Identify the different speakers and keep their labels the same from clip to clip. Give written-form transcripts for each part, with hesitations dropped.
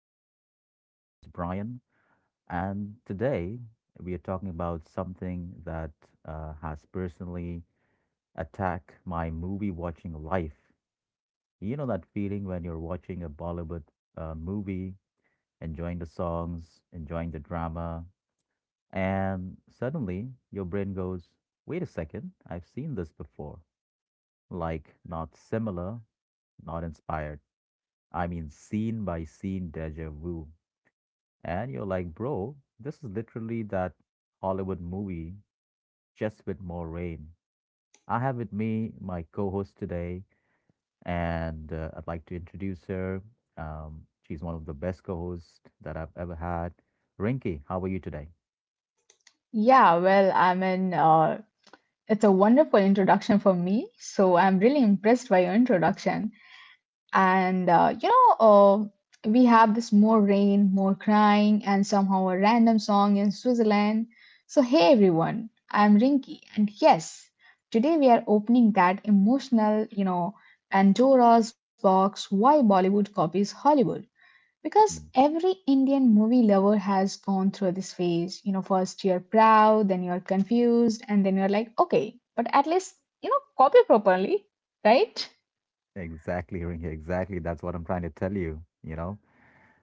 Speaker 1: Talk. My name is Brian, and today we are talking about something that has personally attacked my movie watching life. You know that feeling when you're watching a Bollywood movie, enjoying the songs, enjoying the drama, and suddenly your brain goes, wait a second, I've seen this before. Like, not similar, not inspired. I mean, scene by scene deja vu. And you're like, bro, this is literally that Hollywood movie, just with more rain. I have with me my co host today, and I'd like to introduce her. She's one of the best co hosts that I've ever had. Rinky, how are you today?
Speaker 2: Yeah, well, I mean, it's a wonderful introduction for me. So I'm really impressed by your introduction. And we have this more rain, more crying, and somehow a random song in Switzerland. So, hey everyone, I'm Rinky. And yes, today we are opening that emotional, Pandora's box why Bollywood copies Hollywood. Because
Speaker 1: Mhm.
Speaker 2: every Indian movie lover has gone through this phase. First you're proud, then you're confused, and then you're like, okay, but at least, copy properly, right?
Speaker 1: Exactly, Rinky, exactly. That's what I'm trying to tell you, you know.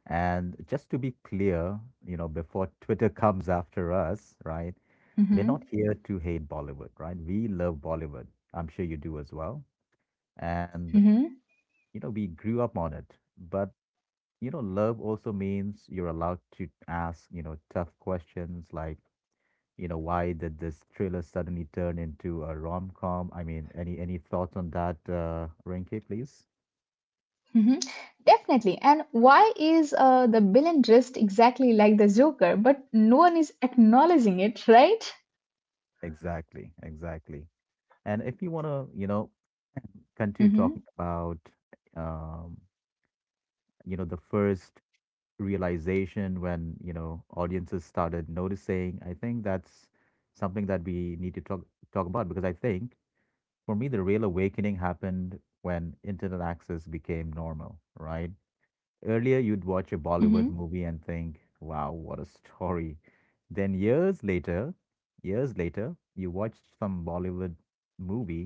Speaker 1: And just to be clear, before Twitter comes after us, right? We're
Speaker 2: Mm-hmm.
Speaker 1: not here to hate Bollywood, right? We love Bollywood. I'm sure you do as well. And
Speaker 2: Mm-hmm.
Speaker 1: we grew up on it, but love also means you're allowed to ask tough questions, like why did this thriller suddenly turn into a rom-com? I mean, any thoughts on that Rinky, please?
Speaker 2: Mm-hmm. Definitely. And why is the villain dressed exactly like the Joker, but no one is acknowledging it, right?
Speaker 1: Exactly, exactly. And if you want to continue talking
Speaker 2: Mm-hmm.
Speaker 1: about um the first realization, when audiences started noticing, I think that's something that we need to talk about, because I think, for me, the real awakening happened when internet access became normal, right? Earlier, you'd watch a Bollywood
Speaker 2: Mm-hmm.
Speaker 1: movie and think, wow, what a story. Then years later, you watched some Bollywood movie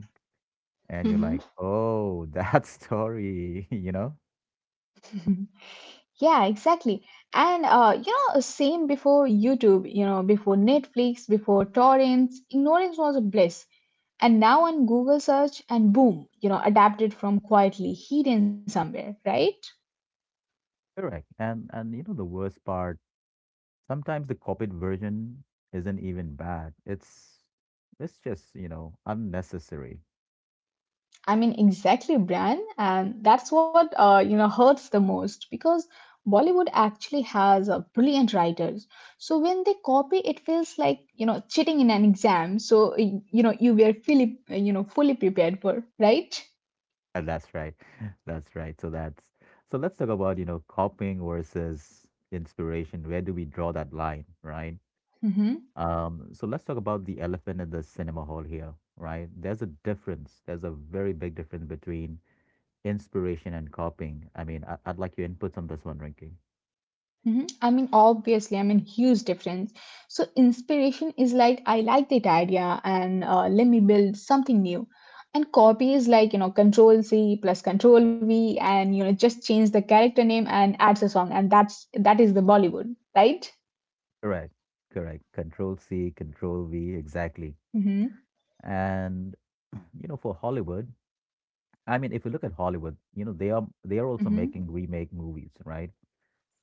Speaker 1: and you're like,
Speaker 2: Mm-hmm.
Speaker 1: oh, that story, you know?
Speaker 2: Yeah, exactly. And same before YouTube, before Netflix, before torrents, ignorance was a bliss. And now on Google search and boom, adapted from quietly hidden somewhere, right?
Speaker 1: Correct. And the worst part, sometimes the copied version isn't even bad. It's just, unnecessary.
Speaker 2: I mean, exactly, Brian. And that's what, hurts the most because Bollywood actually has brilliant writers. So when they copy, it feels like, cheating in an exam. So, you were fully prepared for, right?
Speaker 1: And that's right. That's right. So let's talk about, copying versus inspiration. Where do we draw that line, right?
Speaker 2: Mm-hmm.
Speaker 1: So let's talk about the elephant in the cinema hall here, right? There's a difference. There's a very big difference between inspiration and copying. I mean, I'd like your inputs on this one, Rinky.
Speaker 2: Mhm. I mean, obviously, I mean, huge difference. So, inspiration is like, I like that idea and let me build something new. And copy is like, control C plus control V and, just change the character name and adds a song. And that is the Bollywood, right?
Speaker 1: Correct. Correct. Control C, Control V, exactly.
Speaker 2: Hmm.
Speaker 1: And for Hollywood, I mean, if you look at Hollywood, they are
Speaker 2: Hmm.
Speaker 1: also making remake movies, right?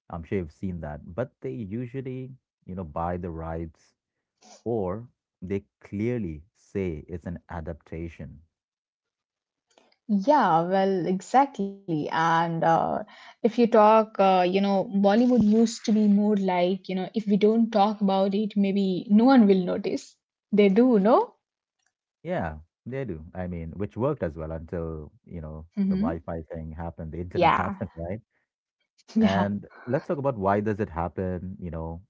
Speaker 1: I'm sure you've seen that, but they usually, buy the rights, or they clearly say it's an adaptation.
Speaker 2: Yeah, well, exactly. And if you talk, Bollywood used to be more like, if we don't talk about it, maybe no one will notice. They do, no?
Speaker 1: Yeah, they do. I mean, which worked as well until, the
Speaker 2: Hmm.
Speaker 1: Wi-Fi thing happened, the internet
Speaker 2: Yeah.
Speaker 1: happened, right?
Speaker 2: Yeah.
Speaker 1: And let's talk about why does it happen,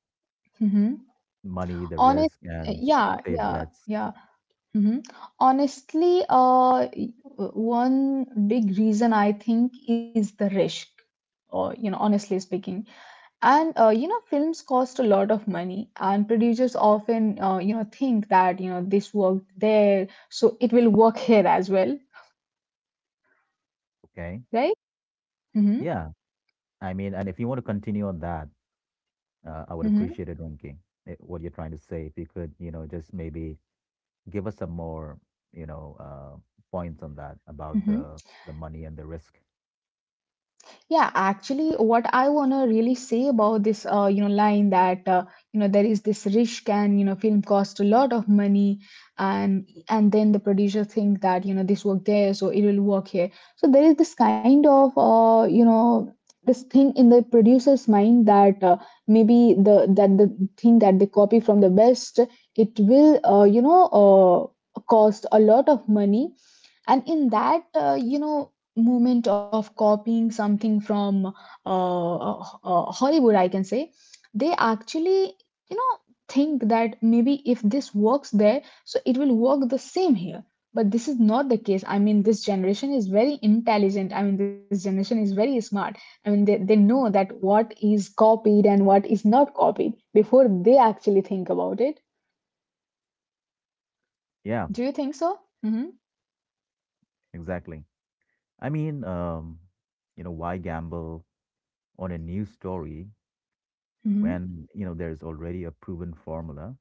Speaker 2: Hmm.
Speaker 1: money, the
Speaker 2: Honest.
Speaker 1: risk, and
Speaker 2: Yeah.
Speaker 1: safe
Speaker 2: Yeah.
Speaker 1: bets,
Speaker 2: Yeah. Hmm. Honestly, one big reason I think is the risk. Or honestly speaking, and films cost a lot of money, and producers often think that this worked there, so it will work here as well,
Speaker 1: okay?
Speaker 2: right? Mm-hmm.
Speaker 1: Yeah. I mean, and if you want to continue on that, I would
Speaker 2: Mm-hmm.
Speaker 1: appreciate it, Rinki, what you're trying to say. If you could, just maybe give us some more, you know, uh, points on that about
Speaker 2: Mm-hmm.
Speaker 1: the money and the risk.
Speaker 2: Yeah, actually, what I wanna really say about this, line that there is this risk, and film cost a lot of money, and then the producer think that this work there, so it will work here. So there is this kind of, this thing in the producer's mind that maybe the that the thing that they copy from the best, it will, cost a lot of money, and in that moment of copying something from Hollywood, I can say, they actually, you know, think that maybe if this works there, so it will work the same here. But this is not the case. I mean, this generation is very intelligent. I mean, this generation is very smart. I mean, they know that what is copied and what is not copied before they actually think about it.
Speaker 1: Yeah,
Speaker 2: Do you think so? Mm-hmm.
Speaker 1: exactly. I mean, why gamble on a new story
Speaker 2: Mm-hmm.
Speaker 1: when, there's already a proven formula,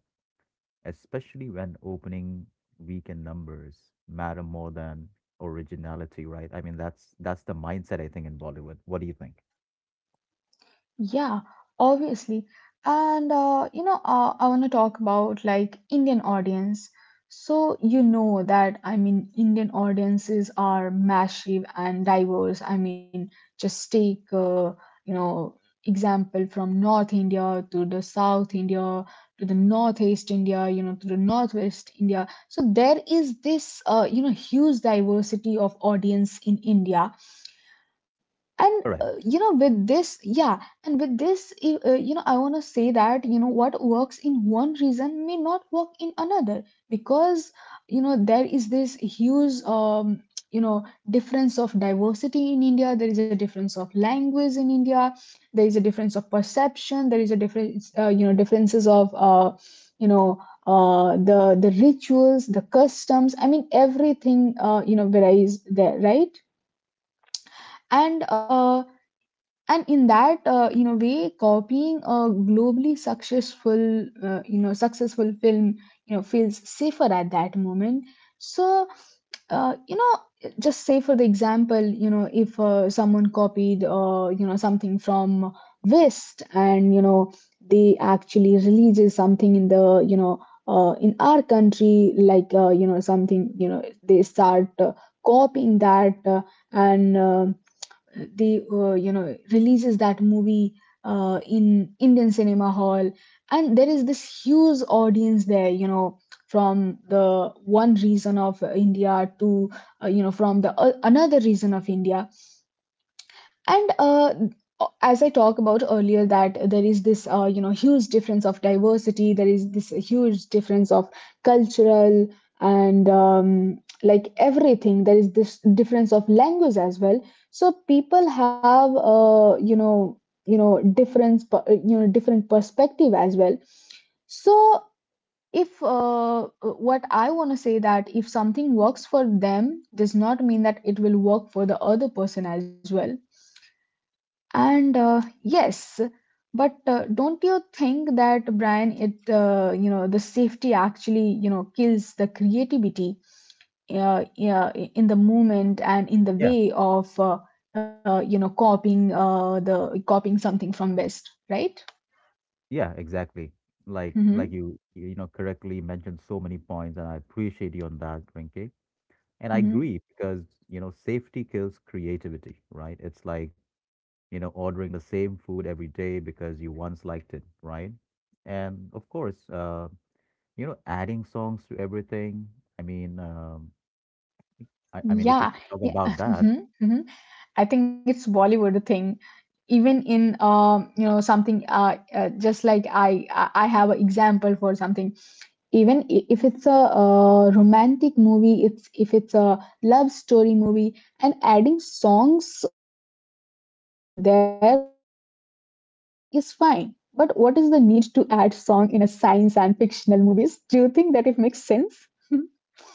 Speaker 1: especially when opening weekend numbers matter more than originality, right? I mean, that's the mindset I think in Bollywood. What do you think?
Speaker 2: Yeah, obviously. And I want to talk about like Indian audience. So you know that, I mean, Indian audiences are massive and diverse. I mean, just take you know example from North India to the South India to the Northeast India, to the Northwest India. So there is this huge diversity of audience in India, and
Speaker 1: Correct.
Speaker 2: with this, yeah, and with this I want to say that what works in one region may not work in another, because there is this huge you know difference of diversity in India. There is a difference of language in India. There is a difference of perception. There is a difference, differences of, you know uh, the the rituals, the customs, I mean everything varies there, right? And uh, and in that way, copying a globally successful successful film feels safer at that moment. So uh, you know just say for the example, if someone copied something from west, and they actually releases something in the in our country, like something, they start copying that, and they releases that movie in Indian cinema hall, and there is this huge audience there. From the one region of India to from the another region of India. And as I talked about earlier, that there is this huge difference of diversity, there is this huge difference of cultural, and like everything, there is this difference of language as well. So people have you know difference per- you know different perspective as well. So if what I want to say, that if something works for them, does not mean that it will work for the other person as well. And yes, but don't you think that, Brian, it you know the safety actually kills the creativity, yeah, in the movement and in the
Speaker 1: Yeah.
Speaker 2: way of copying something from West, right?
Speaker 1: Yeah, exactly. Like
Speaker 2: Hmm.
Speaker 1: you you know correctly mentioned so many points, and I appreciate you on that, Rinke. And I
Speaker 2: Hmm.
Speaker 1: agree, because, safety kills creativity, right? It's like, ordering the same food every day because you once liked it, right? And of course, adding songs to everything. I mean, I mean, if we
Speaker 2: Yeah,
Speaker 1: could talk
Speaker 2: yeah.
Speaker 1: about that,
Speaker 2: Hmm. Hmm. I think it's Bollywood thing. Even in something, just like I have an example for something. Even if it's a romantic movie, it's if it's a love story movie, and adding songs over there is fine, but what is the need to add song in a science and fictional movies? Do you think that it makes sense?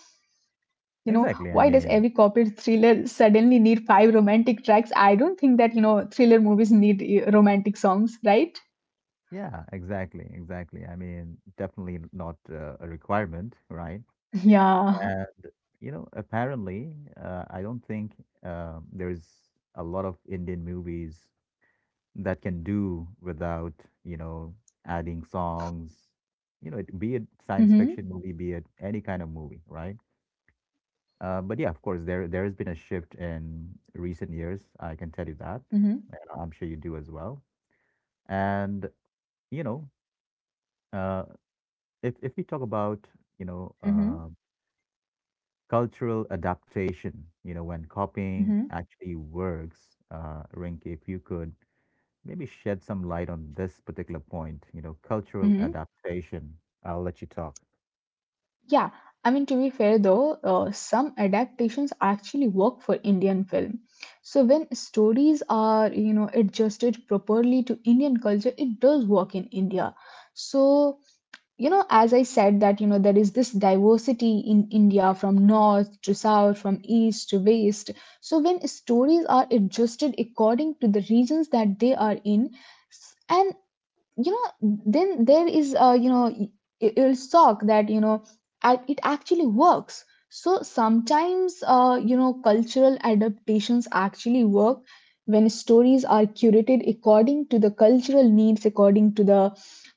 Speaker 2: you know why does every
Speaker 1: exactly. I
Speaker 2: corporate
Speaker 1: mean,
Speaker 2: thriller suddenly need five romantic tracks? I don't think that thriller movies need romantic songs, right?
Speaker 1: yeah, exactly, exactly. I mean, definitely not a requirement, right?
Speaker 2: Yeah.
Speaker 1: And, apparently, I don't think there's a lot of Indian movies that can do without, you know, adding songs, be it science
Speaker 2: Mm-hmm,
Speaker 1: fiction movie, be it any kind of movie, right? But yeah, of course, there has been a shift in recent years. I can tell you that,
Speaker 2: mm-hmm,
Speaker 1: and I'm sure you do as well. And you know, uh, if we talk about you know
Speaker 2: mm-hmm,
Speaker 1: uh, cultural adaptation, when copying
Speaker 2: mm-hmm,
Speaker 1: actually works, Rinke, if you could maybe shed some light on this particular point, cultural
Speaker 2: mm-hmm.
Speaker 1: adaptation. I'll let you talk.
Speaker 2: Yeah, I mean, to be fair though, some adaptations actually work for Indian film. So when stories are, adjusted properly to Indian culture, it does work in India. So, as I said that, there is this diversity in India from north to south, from east to west. So when stories are adjusted according to the regions that they are in, and you then there is will talk that it actually works. So sometimes cultural adaptations actually work when stories are curated according to the cultural needs, according to the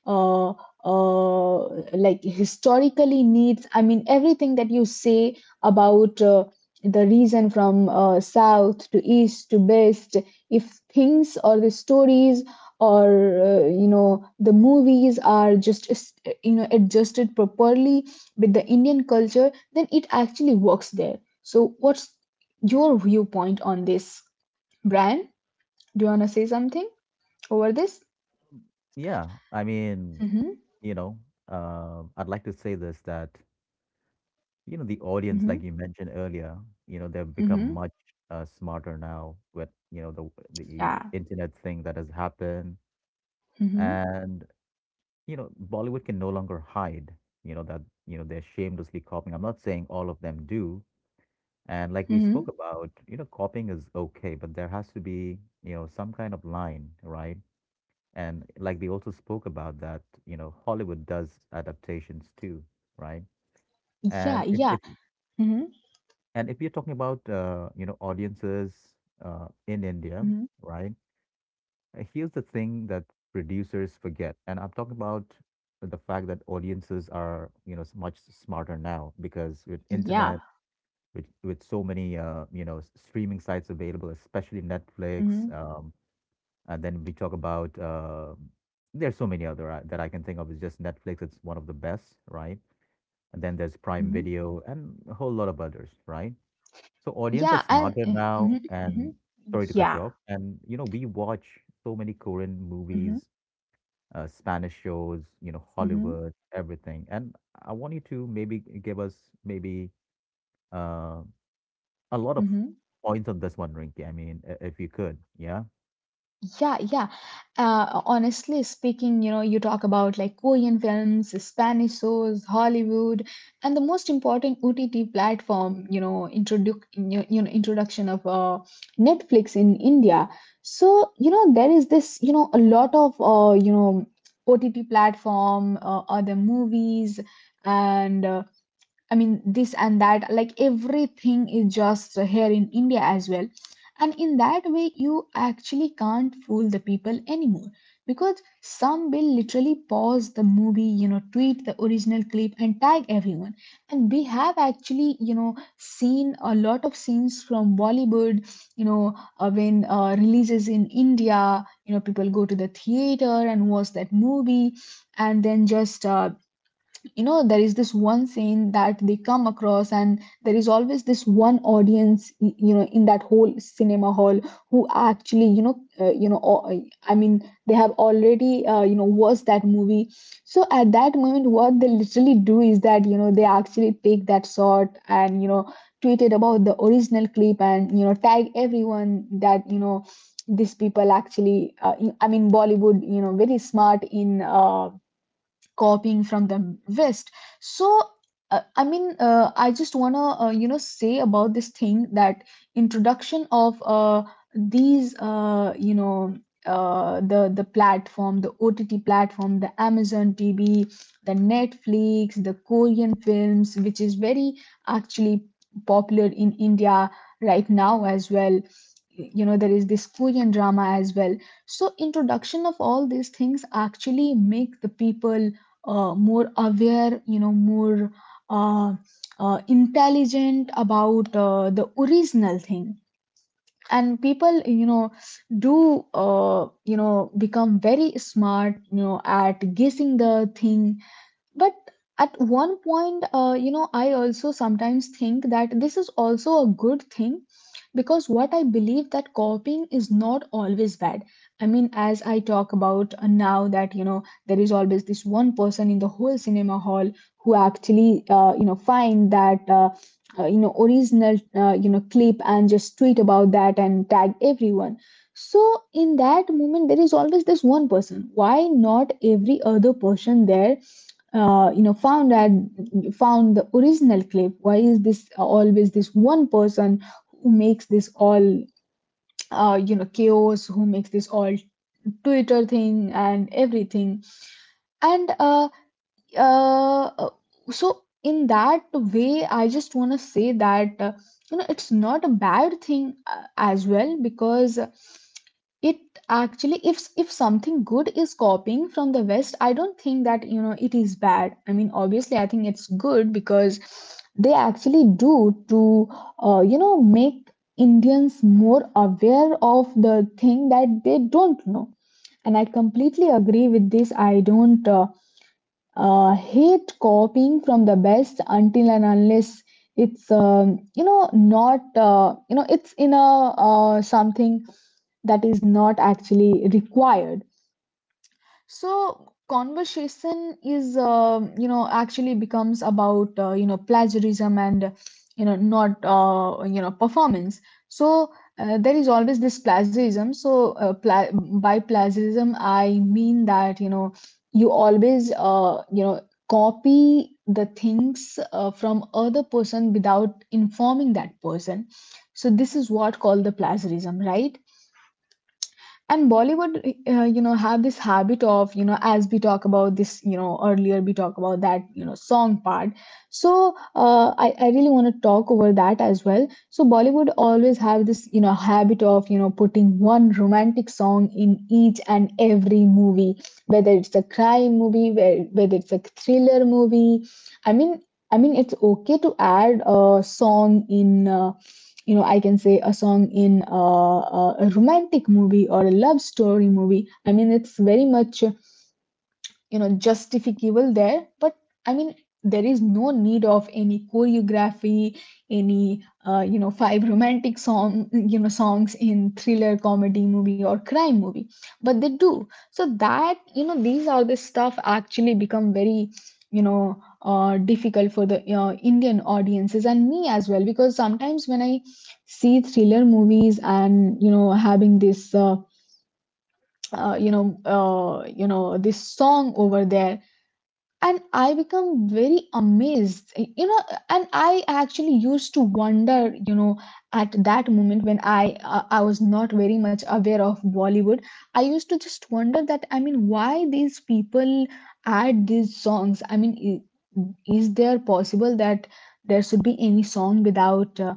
Speaker 2: uh, uh, like historically needs, I mean everything that you say about the region from south to east to west. If things or the stories or the movies are just adjusted properly with the Indian culture, then it actually works there. So what's your viewpoint on this, Brian? Do you want to say something over this?
Speaker 1: Yeah, I mean,
Speaker 2: Mm-hmm,
Speaker 1: you know, I'd like to say this, that, the audience,
Speaker 2: mm-hmm,
Speaker 1: like you mentioned earlier, they've become
Speaker 2: mm-hmm,
Speaker 1: much smarter now with, the
Speaker 2: yeah,
Speaker 1: internet thing that has happened.
Speaker 2: mm-hmm,
Speaker 1: And, Bollywood can no longer hide, that, they're shamelessly copying. I'm not saying all of them do. And like we spoke
Speaker 2: mm-hmm,
Speaker 1: about, copying is okay, but there has to be, some kind of line, right? And like we also spoke about that, Hollywood does adaptations too, right?
Speaker 2: yeah,
Speaker 1: And if,
Speaker 2: yeah,
Speaker 1: if
Speaker 2: mm-hmm,
Speaker 1: and if you're talking about, audiences in India,
Speaker 2: mm-hmm,
Speaker 1: right? Here's the thing that producers forget, and I'm talking about the fact that audiences are, much smarter now, because with
Speaker 2: yeah,
Speaker 1: internet, with so many streaming sites available, especially
Speaker 2: mm-hmm,
Speaker 1: Netflix. And then we talk about, there's so many other that I can think of. It's just Netflix. It's one of the best, right? And then there's Prime
Speaker 2: mm-hmm,
Speaker 1: Video and a whole lot of others, right? So audience are
Speaker 2: yeah,
Speaker 1: smarter
Speaker 2: mm-hmm,
Speaker 1: now,
Speaker 2: mm-hmm,
Speaker 1: and sorry to cut you
Speaker 2: yeah,
Speaker 1: off. And we watch so many Korean
Speaker 2: mm-hmm,
Speaker 1: movies, Spanish shows,
Speaker 2: mm-hmm,
Speaker 1: Hollywood, everything. And I want you to maybe give us maybe, Uh, a lot of
Speaker 2: mm-hmm.
Speaker 1: points on this one, Rinky. I mean, if you could, yeah.
Speaker 2: Yeah, yeah. Honestly speaking, you talk about like Korean films, Spanish shows, Hollywood, and the most important OTT platform, introduce you you know introduction of Netflix in India. So there is this a lot of OTT platform, other movies, and I mean, this and that, like everything is just here in India as well. And in that way, you actually can't fool the people anymore because some will literally pause the movie, tweet the original clip and tag everyone. And we have actually, seen a lot of scenes from Bollywood, you know, when releases in India, people go to the theater and watch that movie and then just there is this one scene that they come across, and there is always this one audience in that whole cinema hall who actually you know or, I mean they have already watched that movie. So at that moment what they literally do is that they actually take that shot and tweet it about the original clip and tag everyone that these people actually I mean Bollywood, very smart in copying from the West. So I just want to say about this thing that introduction of these uh, you know the platform, the OTT platform, the Amazon TV, the Netflix, the Korean films, which is very actually popular in India right now as well. You know there is this Korean drama as well. So introduction of all these things actually make the people more aware, you know, more uh, intelligent about the original thing. And people do become very smart at guessing the thing. But at one point, I also sometimes think that this is also a good thing, because what I believe, that copying is not always bad. I mean, as I talk about now, that there is always this one person in the whole cinema hall who actually find that original clip and just tweet about that and tag everyone. So in that moment there is always this one person. Why not every other person there uh, you know found at found the original clip? Why is this always this one person who makes this all, chaos, who makes this all Twitter thing and everything? And uh, uh, uh, so in that way I just want to say that, it's not a bad thing as well, because it actually, if something good is copying from the West, I don't think that it is bad. I mean, obviously I think it's good, because they actually do to make Indians more aware of the thing that they don't know. And I completely agree with this. I don't hate copying from the best until and unless it's you know not you know it's in a, something that is not actually required. So conversation is actually becomes about plagiarism and not performance. So there is always this plagiarism. So by plagiarism I mean that you always copy the things from other person without informing that person. So this is what called the plagiarism, right? And Bollywood have this habit of as we talk about this, earlier we talk about that song part. So I really want to talk over that as well. So Bollywood always have this habit of putting one romantic song in each and every movie, whether it's a crime movie, whether it's a thriller movie. I mean, I mean it's okay to add a song in, I can say a song in a romantic movie or a love story movie. I mean, it's very much, justificable there. But I mean, there is no need of any choreography, any five romantic songs in thriller comedy movie or crime movie. But they do so that these are the stuff actually become very difficult for the Indian audiences, and me as well, because sometimes when I see thriller movies and having this this song over there, and I become very amazed, you know and I actually used to wonder, you know at that moment when I was not very much aware of Bollywood. I used to just wonder that, I mean, why these people add these songs. I mean, is there possible that there should be any song without uh,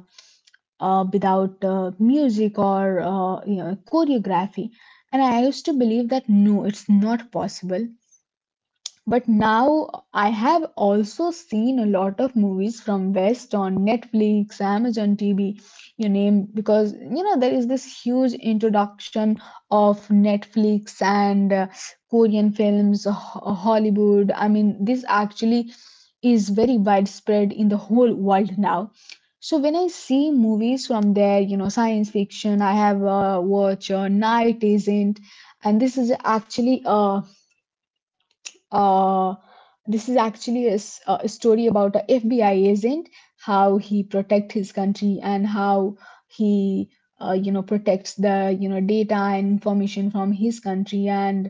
Speaker 2: uh, without music or, choreography? And I used to believe that no, it's not possible. But now I have also seen a lot of movies from West on Netflix, Amazon TV, you name, because there is this huge introduction of Netflix and Korean films, Hollywood. I mean, this actually is very widespread in the whole world now. So when I see movies from there, you know, science fiction, I have watched Night Agent, and this is actually a, uh, a story about a FBI agent, how he protect his country and how he, you know, protects the data and information from his country. And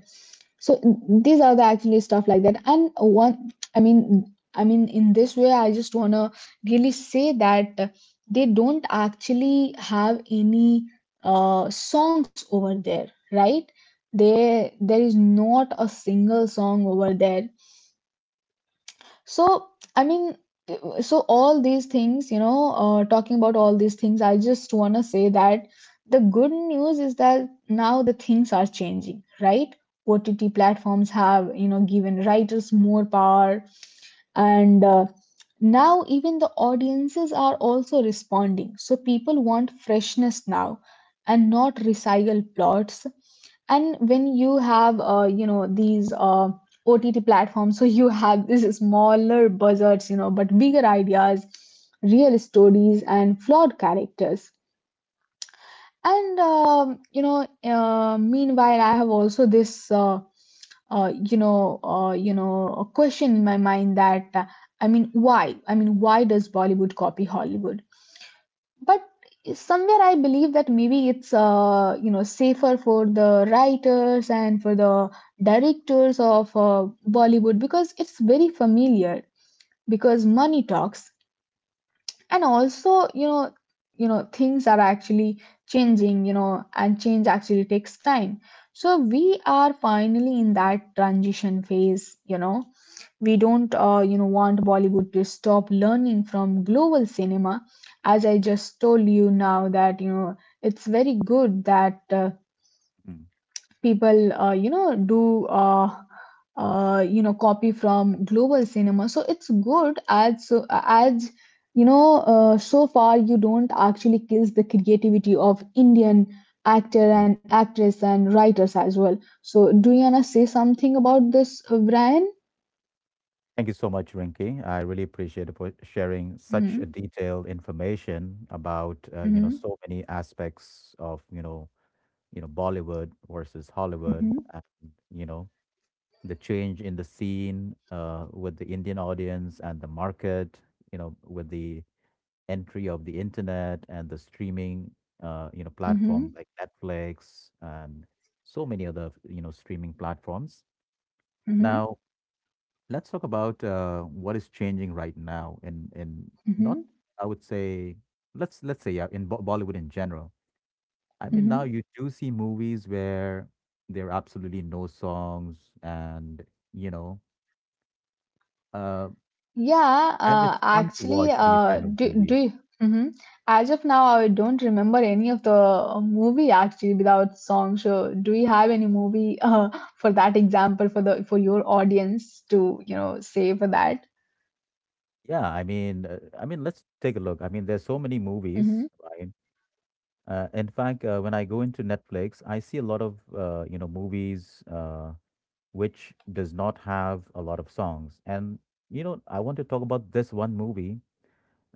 Speaker 2: so these are the actually stuff like that. And one, I mean, in this way, I just wanna really say that they don't actually have any songs over there, right? There is not a single song over there. So I mean, so all these things, talking about all these things, I just want to say that the good news is that now the things are changing, right? OTT platforms have, given writers more power, and now even the audiences are also responding. So people want freshness now and not recycled plots. And when you have these OTT platforms, so you have these smaller buzzards, but bigger ideas, real stories, and flawed characters. And meanwhile I have also this a question in my mind that, I mean, why does Bollywood copy Hollywood? But somewhere I believe that maybe it's safer for the writers and for the directors of Bollywood, because it's very familiar, because money talks. And also you know, things are actually changing, and change actually takes time. So we are finally in that transition phase, we don't want Bollywood to stop learning from global cinema. As I just told you now that, it's very good that
Speaker 1: Mhm,
Speaker 2: people do uh, copy from global cinema, so it's good. As so as so far you don't actually kills the creativity of Indian actor
Speaker 1: mhm.
Speaker 2: and actress and writers as well. So do you wanna say something about this, Brian?
Speaker 1: Thank you so much, Rinky. I really appreciate it for sharing such
Speaker 2: mm-hmm,
Speaker 1: a detailed information about
Speaker 2: mm-hmm,
Speaker 1: so many aspects of Bollywood versus Hollywood,
Speaker 2: mm-hmm,
Speaker 1: and you know the change in the scene with the Indian audience and the market, with the entry of the internet and the streaming, platforms
Speaker 2: mm-hmm,
Speaker 1: like Netflix and so many other, streaming platforms.
Speaker 2: mm-hmm,
Speaker 1: Now, let's talk about what is changing right now in not,
Speaker 2: mm-hmm.
Speaker 1: I would say, let's say, yeah, in Bo Bollywood in general. I mean, now
Speaker 2: Mm-hmm.
Speaker 1: you do see movies where there are absolutely no songs, you know, uh,
Speaker 2: Yeah,
Speaker 1: and it's fun to
Speaker 2: actually,
Speaker 1: watch these kind of
Speaker 2: do,
Speaker 1: movies.
Speaker 2: do Hmm. As of now, I don't remember any of the movie actually without song. So, do you have any movie for that example for the for your audience to say for that?
Speaker 1: Yeah, I mean, let's take a look. I mean, there's so many movies,
Speaker 2: Mm-hmm.
Speaker 1: right? In fact, when I go into Netflix, I see a lot of movies, which does not have a lot of songs. And I want to talk about this one movie,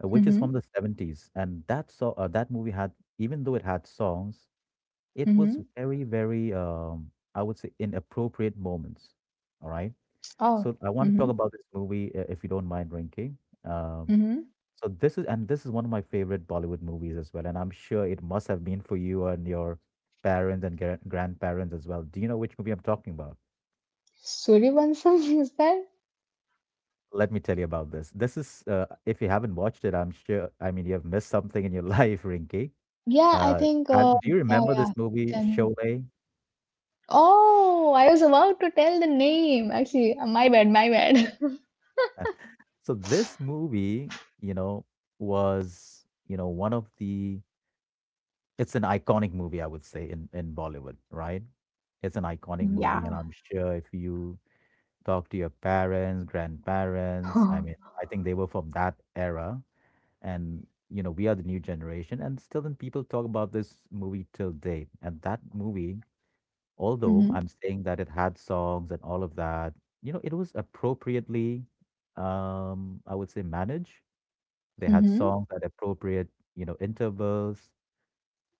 Speaker 1: which is from
Speaker 2: Mm-hmm.
Speaker 1: the 70s. And that movie had, even though it had songs, it was
Speaker 2: Mm-hmm.
Speaker 1: very, very, I would say, inappropriate moments. All right.
Speaker 2: Oh.
Speaker 1: So I want to
Speaker 2: Mm-hmm.
Speaker 1: talk about this movie, if you don't mind, Rinki.
Speaker 2: Mm-hmm.
Speaker 1: This is one of my favorite Bollywood movies as well, and I'm sure it must have been for you and your parents and grandparents as well. Do you know which movie I'm talking about?
Speaker 2: Suryavansham is that?
Speaker 1: Let me tell you about this. This is, if you haven't watched it, I'm sure. I mean, you have missed something in your life, Rinky.
Speaker 2: Yeah, I
Speaker 1: Uh,
Speaker 2: think.
Speaker 1: do you
Speaker 2: Yeah,
Speaker 1: remember
Speaker 2: yeah.
Speaker 1: this movie,
Speaker 2: Then.
Speaker 1: Sholay?
Speaker 2: Oh, I was about to tell the name. Actually, my bad, my bad.
Speaker 1: Uh, so this movie, was one of the. It's an iconic movie, I would say, in Bollywood, right? It's an iconic movie, and I'm
Speaker 2: Yeah.
Speaker 1: sure if you talk to your parents, grandparents. I mean, I think they were from that era. And, we are the new generation. And still, then people talk about this movie till date. And that movie, although
Speaker 2: Hmm.
Speaker 1: I'm saying that it had songs and all of that, it was appropriately, I would say, managed. They had
Speaker 2: Mm-hmm.
Speaker 1: songs at appropriate, intervals.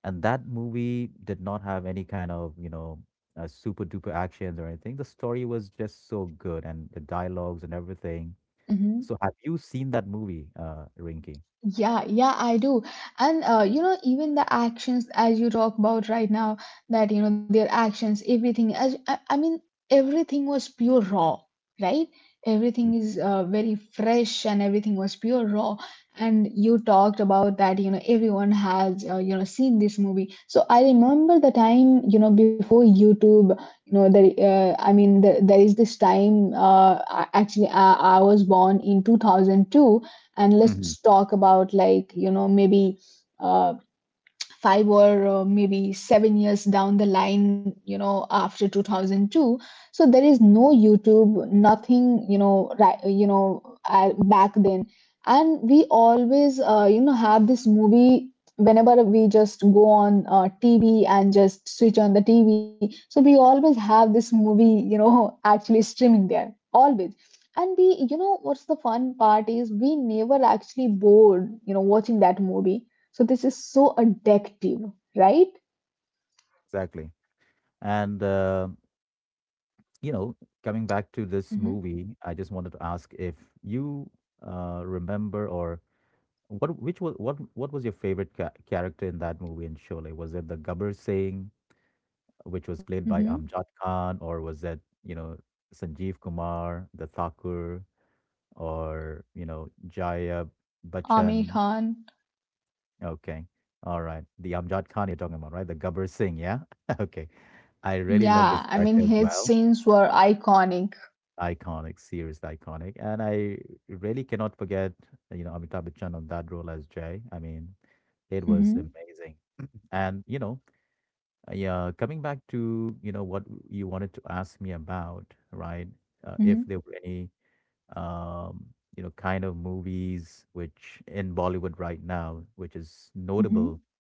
Speaker 1: And that movie did not have any kind of, super duper actions or anything. The story was just so good, and the dialogues and everything.
Speaker 2: Mm-hmm.
Speaker 1: So, have you seen that movie, Rinky?
Speaker 2: Yeah, yeah, I do. And even the actions, as you talk about right now, that, their actions, everything, as I mean, everything was pure raw, right? Everything is very fresh, and everything was pure raw. And you talked about that, everyone has, seen this movie. So I remember the time, before YouTube, there is this time, actually, I was born in 2002, and
Speaker 1: Hmm.
Speaker 2: let's talk about, like, maybe uh, five, or maybe 7 years down the line, after 2002. So there is no YouTube, nothing, back then. And we always, have this movie whenever we just go on TV and just switch on the TV. So we always have this movie, actually streaming there, always. And we, what's the fun part is, we never actually bored, watching that movie. So this is so addictive, right?
Speaker 1: Exactly. And, you know, coming back to this movie,
Speaker 2: Mm-hmm.
Speaker 1: I just wanted to ask if you remember, or what was your favorite ca character in that movie in Sholay? Was it the Gabbar Singh, which was played by
Speaker 2: Mm-hmm.
Speaker 1: Amjad Khan, or was that, you know, Sanjeev Kumar, the Thakur, or, Jaya Bachchan?
Speaker 2: Amir Khan.
Speaker 1: Okay. All right. The Amjad Khan you're talking about, right? The Gabbar Singh, yeah? Okay. I really loved
Speaker 2: Yeah,
Speaker 1: his
Speaker 2: I mean,
Speaker 1: character as
Speaker 2: his
Speaker 1: well.
Speaker 2: scenes were iconic.
Speaker 1: Iconic, seriously iconic. And I really cannot forget, Amitabh Bachchan on that role as Jay. I mean, it was
Speaker 2: Mm-hmm.
Speaker 1: amazing. And, you know, Yeah, Coming back to, what you wanted to ask me about, right?
Speaker 2: Mm-hmm.
Speaker 1: If there were any, um, kind of movies which in Bollywood right now, which is notable
Speaker 2: Mm-hmm.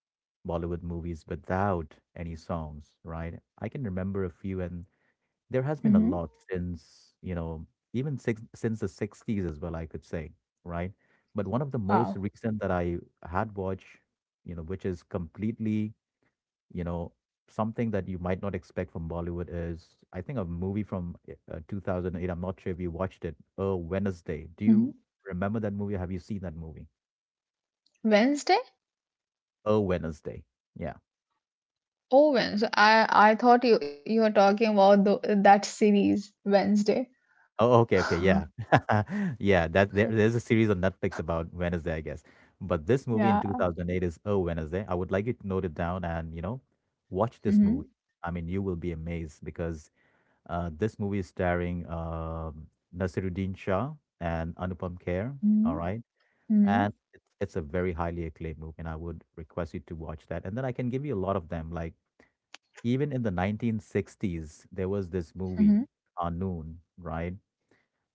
Speaker 1: Bollywood movies without any songs, right? I can remember a few, and there has been a
Speaker 2: Mm-hmm.
Speaker 1: lot since, even six, since the 60s as well, I could say, right? But one of the most
Speaker 2: Wow.
Speaker 1: recent that I had watched, which is completely you know, something that you might not expect from Bollywood is, I think, a movie from 2008. I'm not sure if you watched it. A Wednesday. Do you
Speaker 2: Mm-hmm.
Speaker 1: remember that movie? Have you seen that movie?
Speaker 2: Wednesday?
Speaker 1: A Wednesday. Yeah.
Speaker 2: Oh, Wednesday. I thought you were talking about the, that series Wednesday.
Speaker 1: Oh, okay, okay, yeah, yeah. There's a series on Netflix about Wednesday, I guess. But this movie in
Speaker 2: Yeah.
Speaker 1: 2008 is A Wednesday. I would like you to note it down and watch this
Speaker 2: Mm-hmm.
Speaker 1: movie. I mean, you will be amazed because this movie is starring Nasiruddin Shah and Anupam Kher. All
Speaker 2: Mm-hmm.
Speaker 1: right, and it's a very highly acclaimed movie, and I would request you to watch that. And then I can give you a lot of them. Like even in the 1960s, there was this
Speaker 2: Mm-hmm.
Speaker 1: movie, Noon, right?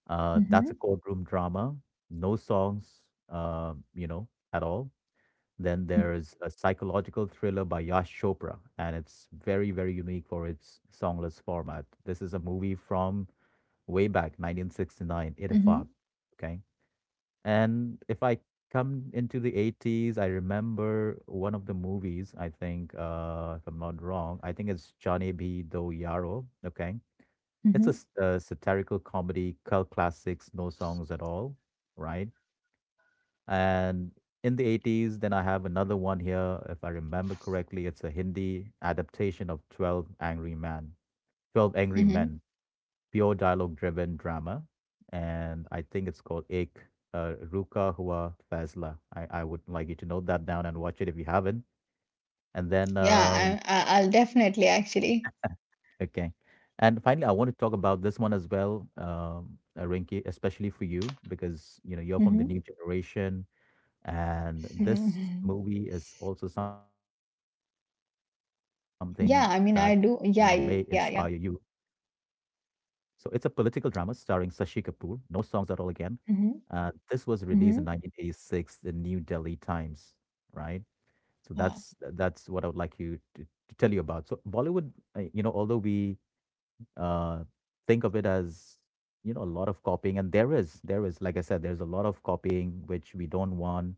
Speaker 1: That's a
Speaker 2: Mm-hmm.
Speaker 1: courtroom drama, no songs, at all. Then
Speaker 2: Mm-hmm.
Speaker 1: there's a psychological thriller by Yash Chopra, and it's very, very unique for its songless format. This is a movie from way back 1969, Ittifaq.
Speaker 2: Mm-hmm.
Speaker 1: Okay. And if I come into the 80s, I remember one of the movies. I think, if I'm not wrong, I think it's Johnny B Do Yaro. Okay, it's a,
Speaker 2: Mm-hmm.
Speaker 1: a satirical comedy cult classics, no songs at all, right? And in the 80s then I have another one here. If I remember correctly, it's a Hindi adaptation of 12 Angry Men. 12 Angry
Speaker 2: Mm-hmm.
Speaker 1: Men, pure dialogue-driven drama, and I think it's called Ek Ruka Hua Fazla. I would like you to note that down and watch it if you haven't. And then,
Speaker 2: Yeah, I, I I'll definitely actually.
Speaker 1: okay. And finally, I want to talk about this one as well, Rinki, especially for you, because you know you're from the
Speaker 2: Mm-hmm.
Speaker 1: new generation, and this
Speaker 2: Mm-hmm.
Speaker 1: movie is also something that you know may
Speaker 2: Yeah,
Speaker 1: inspire
Speaker 2: I mean, I
Speaker 1: you.
Speaker 2: do. Yeah, yeah, yeah.
Speaker 1: So it's a political drama starring Sashi Kapoor. No songs at all again.
Speaker 2: Mm-hmm,
Speaker 1: This was released
Speaker 2: mm-hmm,
Speaker 1: in 1986, the New Delhi Times, right? So
Speaker 2: yeah.
Speaker 1: that's what I would like you to tell you about. So Bollywood, although we uh, think of it as you know a lot of copying, and there is, like I said, there's a lot of copying which we don't want.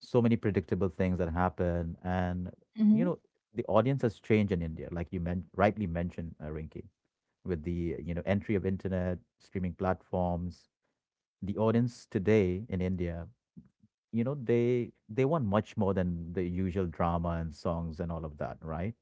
Speaker 1: So many predictable things that happen, and
Speaker 2: Mm-hmm.
Speaker 1: you know, the audience has changed in India, like you rightly mentioned, Rinki, with the you know entry of internet streaming platforms. The audience today in India, you know, they want much more than the usual drama and songs and all of that, right?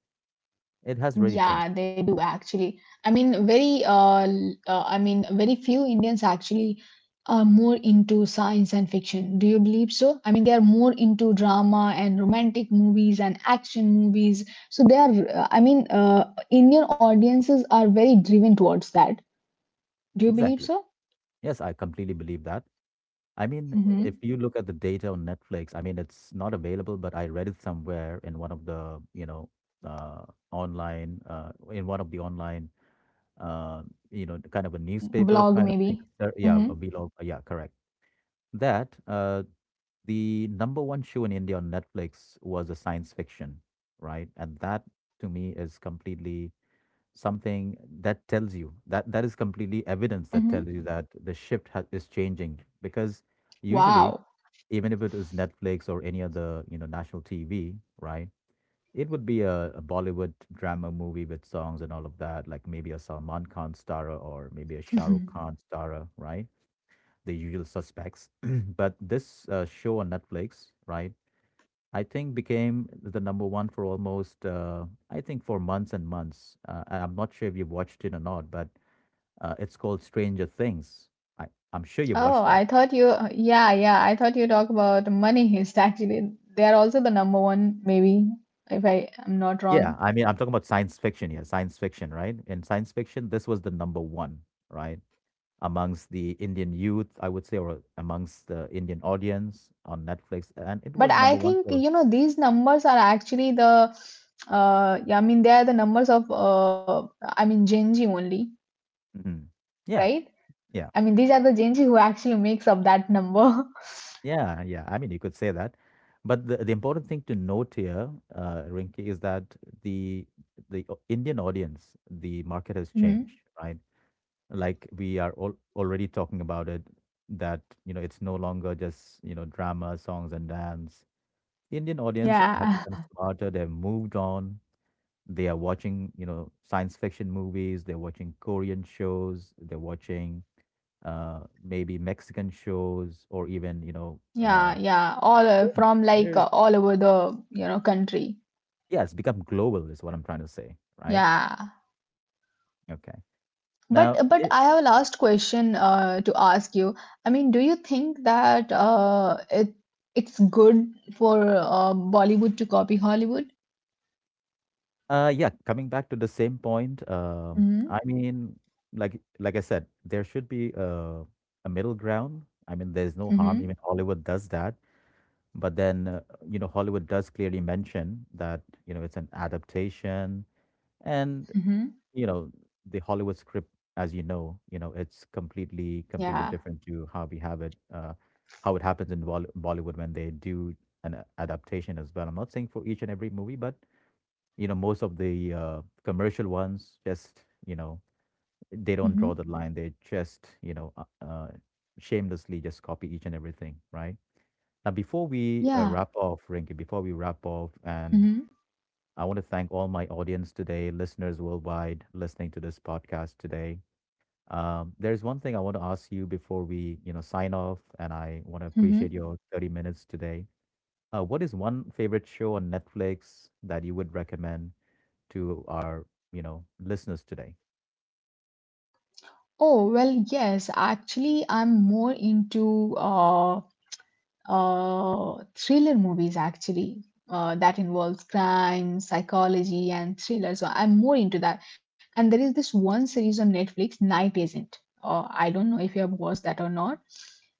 Speaker 1: It has really
Speaker 2: Yeah,
Speaker 1: changed.
Speaker 2: they do actually. I mean, very I mean, very few Indians actually are more into science and fiction. Do you believe so? I mean, they are more into drama and romantic movies and action movies. So they are, I mean, Indian audiences are very driven towards that. Do you believe
Speaker 1: Exactly,
Speaker 2: so?
Speaker 1: yes, I completely believe that. I mean, if
Speaker 2: Mm-hmm.
Speaker 1: you look at the data on Netflix, I mean, it's not available, but I read it somewhere in one of the uh, online, in one of the online, uh, kind of a newspaper
Speaker 2: Blog
Speaker 1: kind of
Speaker 2: maybe.
Speaker 1: thing. Yeah,
Speaker 2: Mm-hmm,
Speaker 1: a below, yeah, correct. That the number one show in India on Netflix was a science fiction, right? And that to me is completely something that tells you that that is completely evidence that tells
Speaker 2: mm-hmm.
Speaker 1: you that the shift is changing because usually
Speaker 2: Wow.
Speaker 1: even if it was Netflix or any other you know national TV, right? It would be a Bollywood drama movie with songs and all of that, like maybe a Salman Khan star or maybe a Shah Rukh Khan star, right? The usual suspects. But this show on Netflix, right? I think became the number one for almost, I think, for months and months. And I'm not sure if you've watched it or not, but it's called Stranger Things. I, I'm sure you've
Speaker 2: Oh,
Speaker 1: watched that.
Speaker 2: I thought you, yeah, yeah, I thought you talk about Money Heist. Actually, they are also the number one, maybe, if I am not wrong.
Speaker 1: Yeah, I mean, I'm talking about science fiction here, science fiction, right? In science fiction, this was the number one, right? Amongst the Indian youth, I would say, or amongst the Indian audience on Netflix. And it
Speaker 2: But
Speaker 1: was
Speaker 2: I
Speaker 1: number one
Speaker 2: think,
Speaker 1: for,
Speaker 2: these numbers are actually the, yeah, I mean, they are the numbers of, I mean, Gen Z only,
Speaker 1: Mhm. yeah,
Speaker 2: right?
Speaker 1: yeah.
Speaker 2: I mean, these are the Gen Z who actually makes up that number.
Speaker 1: Yeah, yeah. I mean, you could say that, but the important thing to note here, Rinki, is that the the Indian audience, the market has
Speaker 2: Mhm.
Speaker 1: changed, right? Like we are all already talking about it, that you know it's no longer just you know drama, songs and dance. Indian audience have
Speaker 2: Yeah,
Speaker 1: become smarter. They've moved on. They are watching you know science fiction movies. They're watching Korean shows. They're watching maybe Mexican shows or even
Speaker 2: yeah, yeah, all
Speaker 1: Sure.
Speaker 2: from, like,
Speaker 1: There's
Speaker 2: all over the, country.
Speaker 1: yeah, it's become global is what I'm trying to say, right?
Speaker 2: Yeah.
Speaker 1: Okay. Now,
Speaker 2: But I
Speaker 1: it,
Speaker 2: have a last question to ask you. I mean, do you think that it's good for Bollywood to copy Hollywood?
Speaker 1: yeah, coming back to the same point,
Speaker 2: Mm-hmm.
Speaker 1: I mean, like I said, there should be a middle ground. I mean, there's no harm.
Speaker 2: Mm-hmm.
Speaker 1: Even Hollywood does that, but then you know, Hollywood does clearly mention that you know it's an adaptation, and
Speaker 2: Mm-hmm.
Speaker 1: you know the Hollywood script as you know it's completely completely
Speaker 2: Yeah.
Speaker 1: different to how we have it, how it happens in Bollywood when they do an adaptation as well. I'm not saying for each and every movie, but you know most of the commercial ones just you know they
Speaker 2: Mm-hmm.
Speaker 1: don't draw the line. They just you know shamelessly just copy each and everything, right? Now before we
Speaker 2: Yeah.
Speaker 1: wrap off, Rinky, before we wrap off, and
Speaker 2: Mm-hmm.
Speaker 1: I want to thank all my audience today, listeners worldwide listening to this podcast today. There's one thing I want to ask you before we, you know, sign off, and I want to appreciate Mhm.
Speaker 2: Mm-hmm.
Speaker 1: your 30 minutes today. What is one favorite show on Netflix that you would recommend to our, you know, listeners today?
Speaker 2: Oh, well, yes. Actually, I'm more into thriller movies actually that involves crime, psychology, and thriller. So I'm more into that. And there is this one series on Netflix, Night Agent. I don't know if you have watched that or not.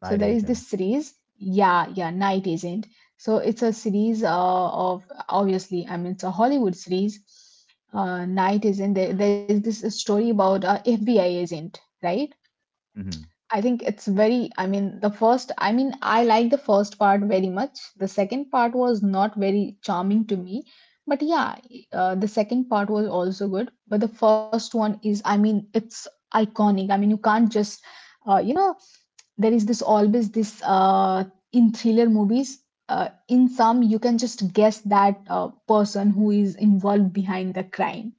Speaker 2: So
Speaker 1: Night
Speaker 2: there is
Speaker 1: Agent.
Speaker 2: this series, yeah, yeah, Night Agent. So it's a series, of obviously, I mean, it's a Hollywood series. Night Agent. There is this story about a FBI agent, right?
Speaker 1: Hmm.
Speaker 2: I think it's very, I mean, the first, I mean, I like the first part very much. The second part was not very charming to me. But yeah, the second part was also good. But the first one is, I mean, it's iconic. I mean, you can't just, uh, you know, there is this always this in thriller movies. In some, you can just guess that person who is involved behind the crime.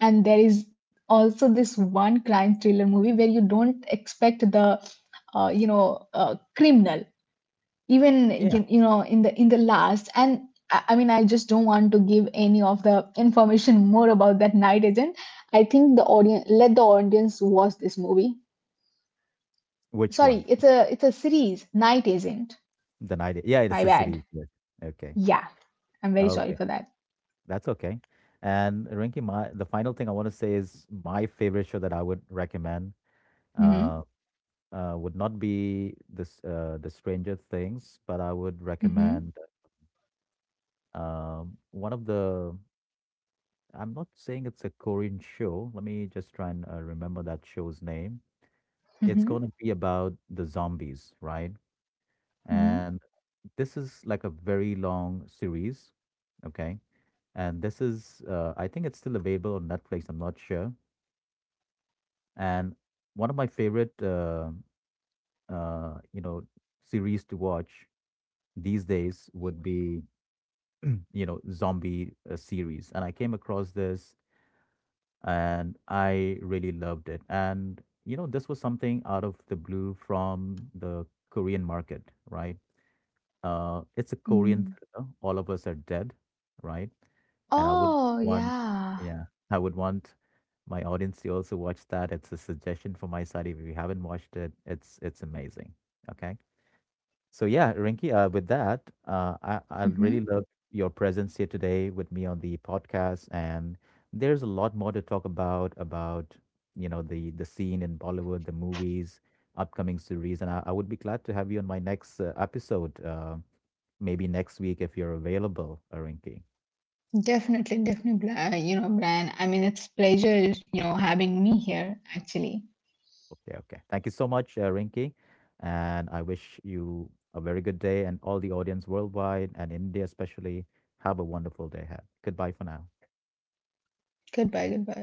Speaker 2: And there is also this one crime thriller movie where you don't expect the, criminal, even
Speaker 1: Yeah.
Speaker 2: you, you know in the, in the last. And I mean, I just don't want to give any of the information more about that Night Agent. I think the audience, let the audience watch this movie.
Speaker 1: Which one?
Speaker 2: Sorry, it's a, it's a series, Night Agent.
Speaker 1: The Night. Yeah, it's
Speaker 2: My
Speaker 1: a
Speaker 2: bad.
Speaker 1: series. Yes. Okay.
Speaker 2: Yeah. I'm very sorry
Speaker 1: Okay.
Speaker 2: for that.
Speaker 1: That's okay. And Rinky, my the final thing I want to say is my favorite show that I would recommend.
Speaker 2: Mm-hmm,
Speaker 1: Uh, would not be this the Stranger Things, but I would
Speaker 2: mm-hmm,
Speaker 1: recommend one of the, I'm not saying it's a Korean show. Let me just try and remember that show's name. It's
Speaker 2: mm-hmm,
Speaker 1: going to be about the zombies, right?
Speaker 2: mm-hmm.
Speaker 1: And this is like a very long series, okay? And this is, I think it's still available on Netflix. I'm not sure. And one of my favorite, uh, you know, series to watch these days would be, you know, zombie series. And I came across this and I really loved it. And you know, this was something out of the blue from the Korean market, right? It's a Korean
Speaker 2: Mm.
Speaker 1: thriller. All of us are dead, right? And I would
Speaker 2: Oh
Speaker 1: want,
Speaker 2: yeah.
Speaker 1: yeah, I would want my audience to also watch that. It's a suggestion from my side. If you haven't watched it, it's amazing. Okay. So yeah, Rinky, with that, I
Speaker 2: Mm-hmm.
Speaker 1: really love your presence here today with me on the podcast, and there's a lot more to talk about you know the scene in Bollywood, the movies, upcoming series, and I would be glad to have you on my next episode, maybe next week if you're available, Rinky.
Speaker 2: Definitely, definitely, you know, Brian. I mean, it's pleasure, having me here, actually.
Speaker 1: Okay, okay. Thank you so much, Rinky, and I wish you a very good day, and all the audience worldwide and India especially. Have a wonderful day ahead. Goodbye for now.
Speaker 2: Goodbye, goodbye.